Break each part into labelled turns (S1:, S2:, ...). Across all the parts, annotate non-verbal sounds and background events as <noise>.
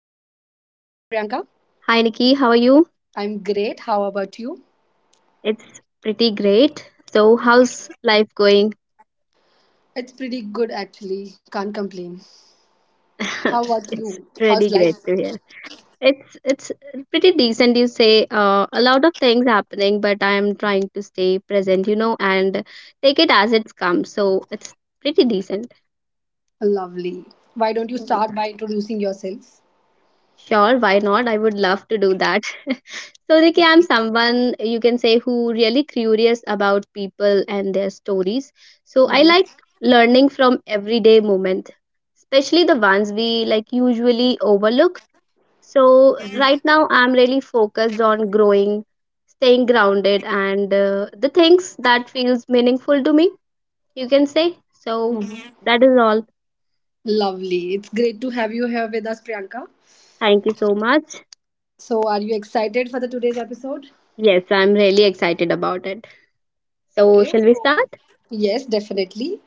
S1: Priyanka,
S2: Hi Nikki, how are you?
S1: I'm great. How about you?
S2: It's pretty great. So how's life going?
S1: It's pretty good actually, can't complain. How about
S2: <laughs>
S1: you?
S2: It's
S1: How's
S2: really
S1: life?
S2: great to hear. It's pretty decent you say. A lot of things happening, but I'm trying to stay present, you know, and take it as it comes. So it's pretty decent.
S1: Lovely. Why don't you start by introducing yourself?
S2: Sure, why not? I would love to do that. <laughs> Ricky, I'm someone you can say who really curious about people and their stories. So, I like
S1: Mhm.
S2: learning from everyday moment, especially the ones we like usually overlook. So, right now I'm really focused on growing, staying grounded, and the things that feels meaningful to me. You can say so.
S1: Mhm.
S2: That is all.
S1: Lovely. It's great to have you here with us, Priyanka.
S2: Thank you so much.
S1: So, are you excited for the today's episode?
S2: Yes, I'm really excited about it. So,
S1: Okay,
S2: shall we start?
S1: yes, definitely.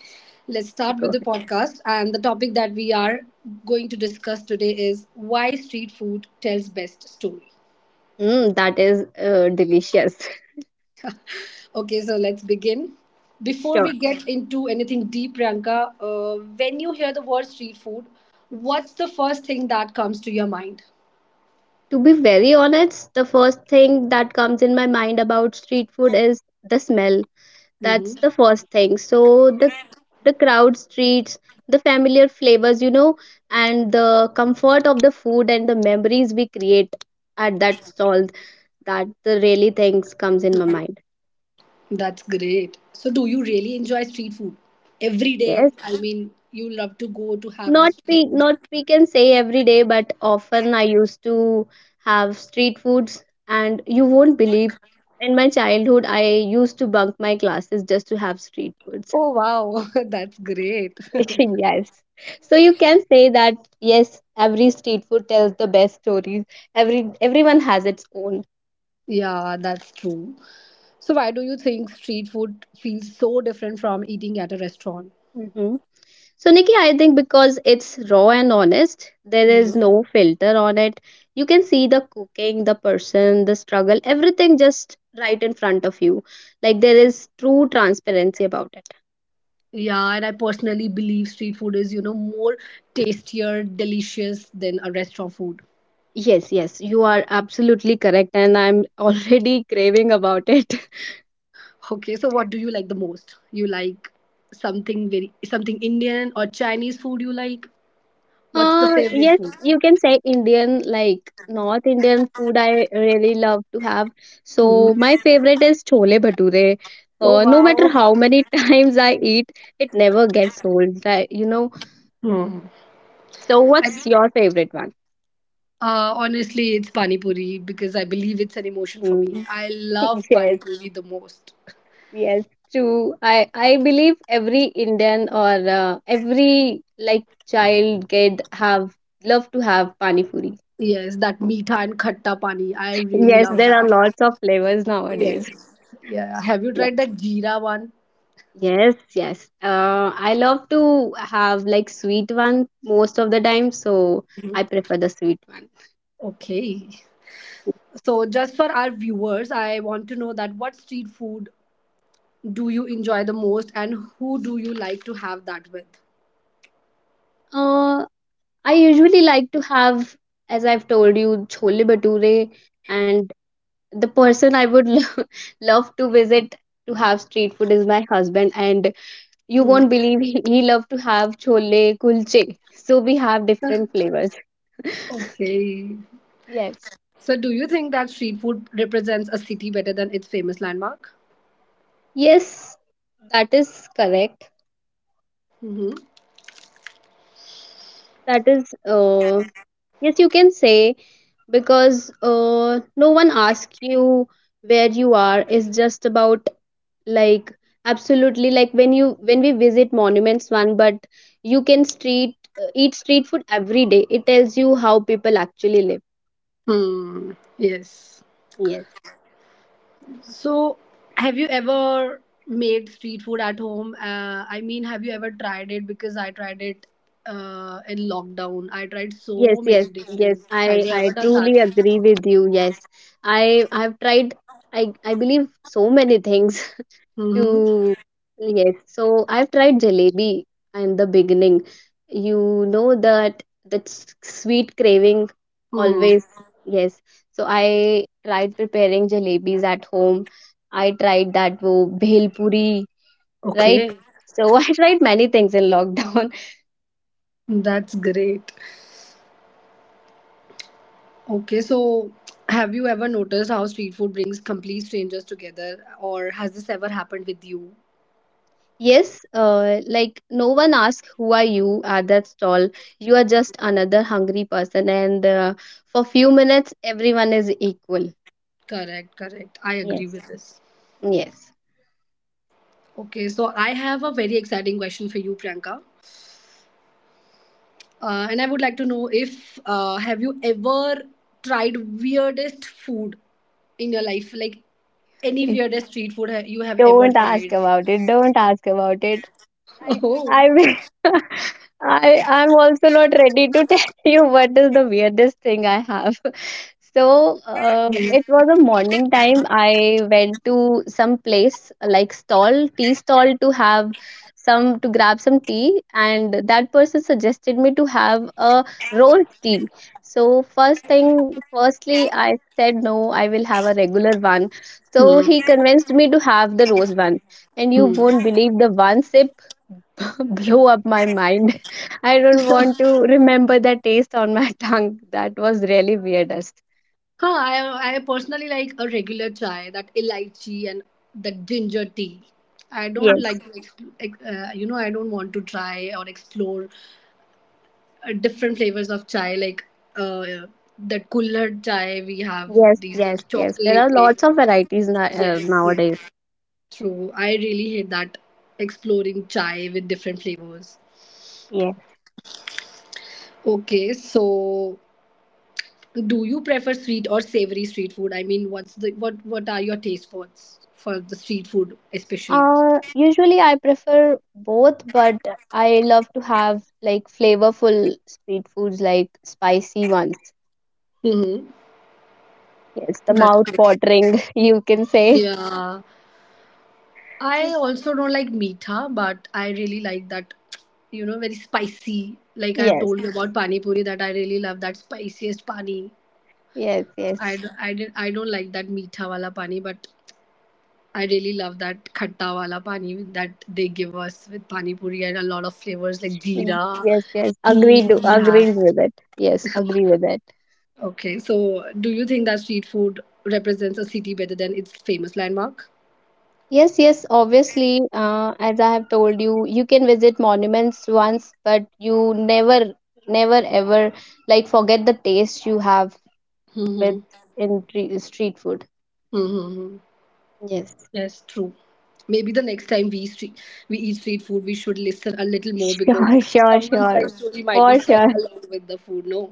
S1: Let's start
S2: Go
S1: with the
S2: ahead.
S1: podcast. And the topic that we are going to discuss today is why street food tells best story.
S2: That is delicious. <laughs>
S1: Okay, so let's begin. Before
S2: Sure.
S1: we get into anything deep, Priyanka, when you hear the word street food, what's the first thing that comes to your mind?
S2: To be very honest, the first thing that comes in my mind about street food is the smell.
S1: Hmm.
S2: That's the first thing. So the crowd streets, the familiar flavors, you know, and the comfort of the food and the memories we create at that stall. That the really things comes in my mind.
S1: That's great. So, do you really enjoy street food every day?
S2: Yes.
S1: I mean, you love to go to have a
S2: not
S1: street
S2: we
S1: food.
S2: not we can say every day but often I used to have street foods and you won't believe in my childhood I used to bunk my classes just to have street foods.
S1: Oh, wow, <laughs> that's great. <laughs>
S2: <laughs> Yes, so you can say that yes every street food tells the best stories. Everyone has its own.
S1: Yeah, that's true. So why do you think street food feels so different from eating at a restaurant?
S2: Mhm. So, Nikki, I think because it's raw and honest, there is
S1: Mhm.
S2: no filter on it. You can see the cooking, the person, the struggle, everything just right in front of you. Like there is true transparency about it.
S1: Yeah, and I personally believe street food is, you know, more tastier, delicious than a restaurant food.
S2: Yes, yes, you are absolutely correct, and I'm already <laughs> craving about it.
S1: Okay, so what do you like the most? You like something very something Indian or Chinese food you like? What's the favorite
S2: Yes,
S1: food?
S2: you can say Indian, like North Indian food I really love to have. So my favorite is chole bhature.
S1: Oh
S2: No matter
S1: wow.
S2: how many <laughs> times I eat, it never gets old, right? You know.
S1: Hmm.
S2: So
S1: I-
S2: what's your favorite one?
S1: honestly, it's pani puri because I believe it's an emotion for me.
S2: Hmm.
S1: I love
S2: <laughs>
S1: pani
S2: Yes,
S1: puri the most.
S2: yes, true. I believe every Indian or every like child kid have love to have pani puri.
S1: Yes, that meetha and khatta pani. I really
S2: Yes,
S1: love
S2: there are
S1: that.
S2: lots of flavors nowadays.
S1: Yes. Yeah. Have you tried
S2: Yes.
S1: that jeera one?
S2: Yes, yes. I love to have like sweet one most of the time, so I
S1: Mhm.
S2: prefer the sweet one.
S1: Okay. So just for our viewers, I want to know that what street food do you enjoy the most and who do you like to have that with?
S2: Uh, I usually like to have, as I've told you, chole bhature, and the person I would <laughs> love to visit to have street food is my husband, and you
S1: Hmm.
S2: won't believe he love to have chole kulche. So we have different
S1: <laughs>
S2: flavors.
S1: Okay.
S2: Yes.
S1: So do you think that street food represents a city better than its famous landmark?
S2: Yes, that is correct.
S1: Mm-hmm.
S2: That is, yes, you can say because no one asks you where you are. It's just about like absolutely like when we visit monuments one, but you can street eat street food every day. It tells you how people actually live.
S1: Hmm. Yes.
S2: Yes.
S1: So, have you ever made street food at home? I mean, have you ever tried it? Because I tried it in lockdown. I tried
S2: Yes,
S1: so
S2: yes,
S1: many
S2: yes.
S1: dishes.
S2: I
S1: Have you
S2: I
S1: ever done that?
S2: truly agree with you. Yes. I've tried. I believe so many things. <laughs>
S1: Mm-hmm.
S2: You yes, so I've tried jalebi in the beginning. You know that that sweet craving
S1: Hmm.
S2: always, yes. So I tried preparing jalebis at home. I tried that wo bhel puri, right?
S1: Okay,
S2: So <laughs> I tried many things in lockdown. <laughs>
S1: that's great. Okay, so have you ever noticed how street food brings complete strangers together, or has this ever happened with you?
S2: Yes, like no one asks who are you at that stall. You are just another hungry person, and for few minutes everyone is equal.
S1: Correct, correct. I agree
S2: Yes.
S1: with this.
S2: Yes.
S1: Okay, so I have a very exciting question for you, Priyanka. And I would like to know if have you ever tried weirdest food in your life, like any weirdest street food you have ever
S2: Don't ask
S1: tried?
S2: about it. Don't ask about it.
S1: <laughs>
S2: I
S1: Oh.
S2: I <laughs> I I'm also not ready to tell <laughs> you what is the weirdest thing I have. <laughs> So
S1: Hmm.
S2: it was a morning time. I went to some place like stall, tea stall to have some to grab some tea, and that person suggested me to have a rolled tea. So firstly, I said no. I will have a regular one so
S1: Hmm.
S2: he convinced me to have the rose one. And you
S1: Hmm.
S2: won't believe the one sip <laughs> blew up my mind. <laughs> I don't want to remember the taste on my <laughs> tongue. That was really weirdest.
S1: Huh, I personally like a regular chai, that elaichi and the ginger tea. I don't
S2: Yes,
S1: like to you know, I don't want to try or explore different flavors of chai, like uh, that kulhad chai. We have these little
S2: yes. There
S1: chocolate
S2: are
S1: flavor.
S2: lots of varieties
S1: Yes, yes,
S2: nowadays.
S1: true. I really hate that exploring chai with different flavors.
S2: Yes.
S1: Okay, so do you prefer sweet or savory street food? I mean, what's the what are your taste buds for the street food especially?
S2: Usually I prefer both, but I love to have like flavorful street foods, like spicy ones.
S1: Mm-hmm.
S2: Yes, the
S1: That's
S2: mouth
S1: great.
S2: watering, <laughs> you can say.
S1: Yeah. I
S2: <laughs>
S1: also don't like meetha, but I really like that, you know, very spicy. Like I've
S2: Yes,
S1: told you about pani puri, that I really love that spiciest pani. I,
S2: yes.
S1: d- I, did, I don't like that meetha wala pani, but I really love that khatta wala pani that they give us with pani puri and a lot of flavors like jeera,
S2: Yes, agreed,
S1: he we
S2: agreed
S1: have.
S2: with it. Yes, agree with it.
S1: Okay, so do you think that street food represents a city better than its famous landmark?
S2: Yes, obviously, as I have told you, you can visit monuments once, but you never, never ever like forget the taste you have with
S1: Mm-hmm.
S2: in street food.
S1: Mm-hmm.
S2: Yes.
S1: Yes, true. Maybe the next time we street, we eat street food, we should listen a little more
S2: Sure,
S1: because someone's life
S2: sure.
S1: story might be
S2: For
S1: served
S2: sure.
S1: along with the food. No,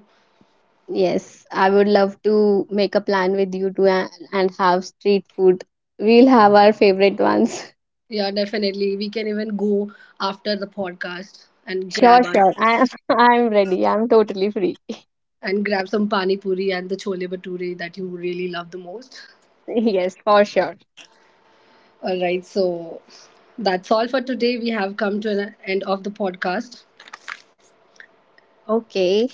S2: Yes, I would love to make a plan with you to and have street food. We'll have our favorite ones. <laughs>
S1: yeah, definitely. We can even go after the podcast
S2: Sure, sure. I <laughs> I'm ready. I'm totally free.
S1: and grab some pani puri and the chole bhature that you really love the most.
S2: Yes, for sure.
S1: All right, so that's all for today. We have come to an end of the podcast.
S2: Okay.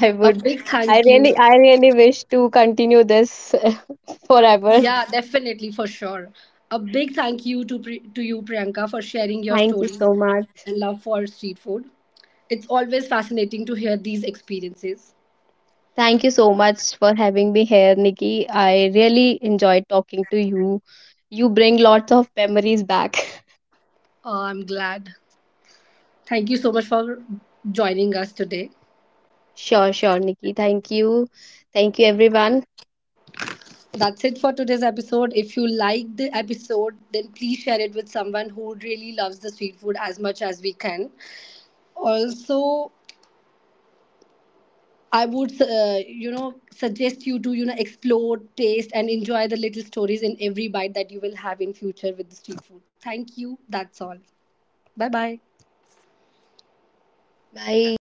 S2: I
S1: A
S2: would
S1: big thank you.
S2: I really wish to continue this <laughs> forever.
S1: Yeah, definitely for sure. A big thank you to to you Priyanka for sharing your
S2: Thank you
S1: stories
S2: so much.
S1: and love for street food. It's always fascinating to hear these experiences.
S2: Thank you so much for having me here, Nikki. I really enjoyed talking to you. You bring lots of memories back. <laughs>
S1: I'm glad. Thank you so much for joining us today.
S2: Sure, sure, Nikki. Thank you. Thank you everyone.
S1: That's it for today's episode. If you like the episode, then please share it with someone who really loves the street food as much as we can. Also, I would, you know, suggest you to, you know, explore, taste, and enjoy the little stories in every bite that you will have in future with the street food. Thank you. That's all. Bye bye.
S2: Bye.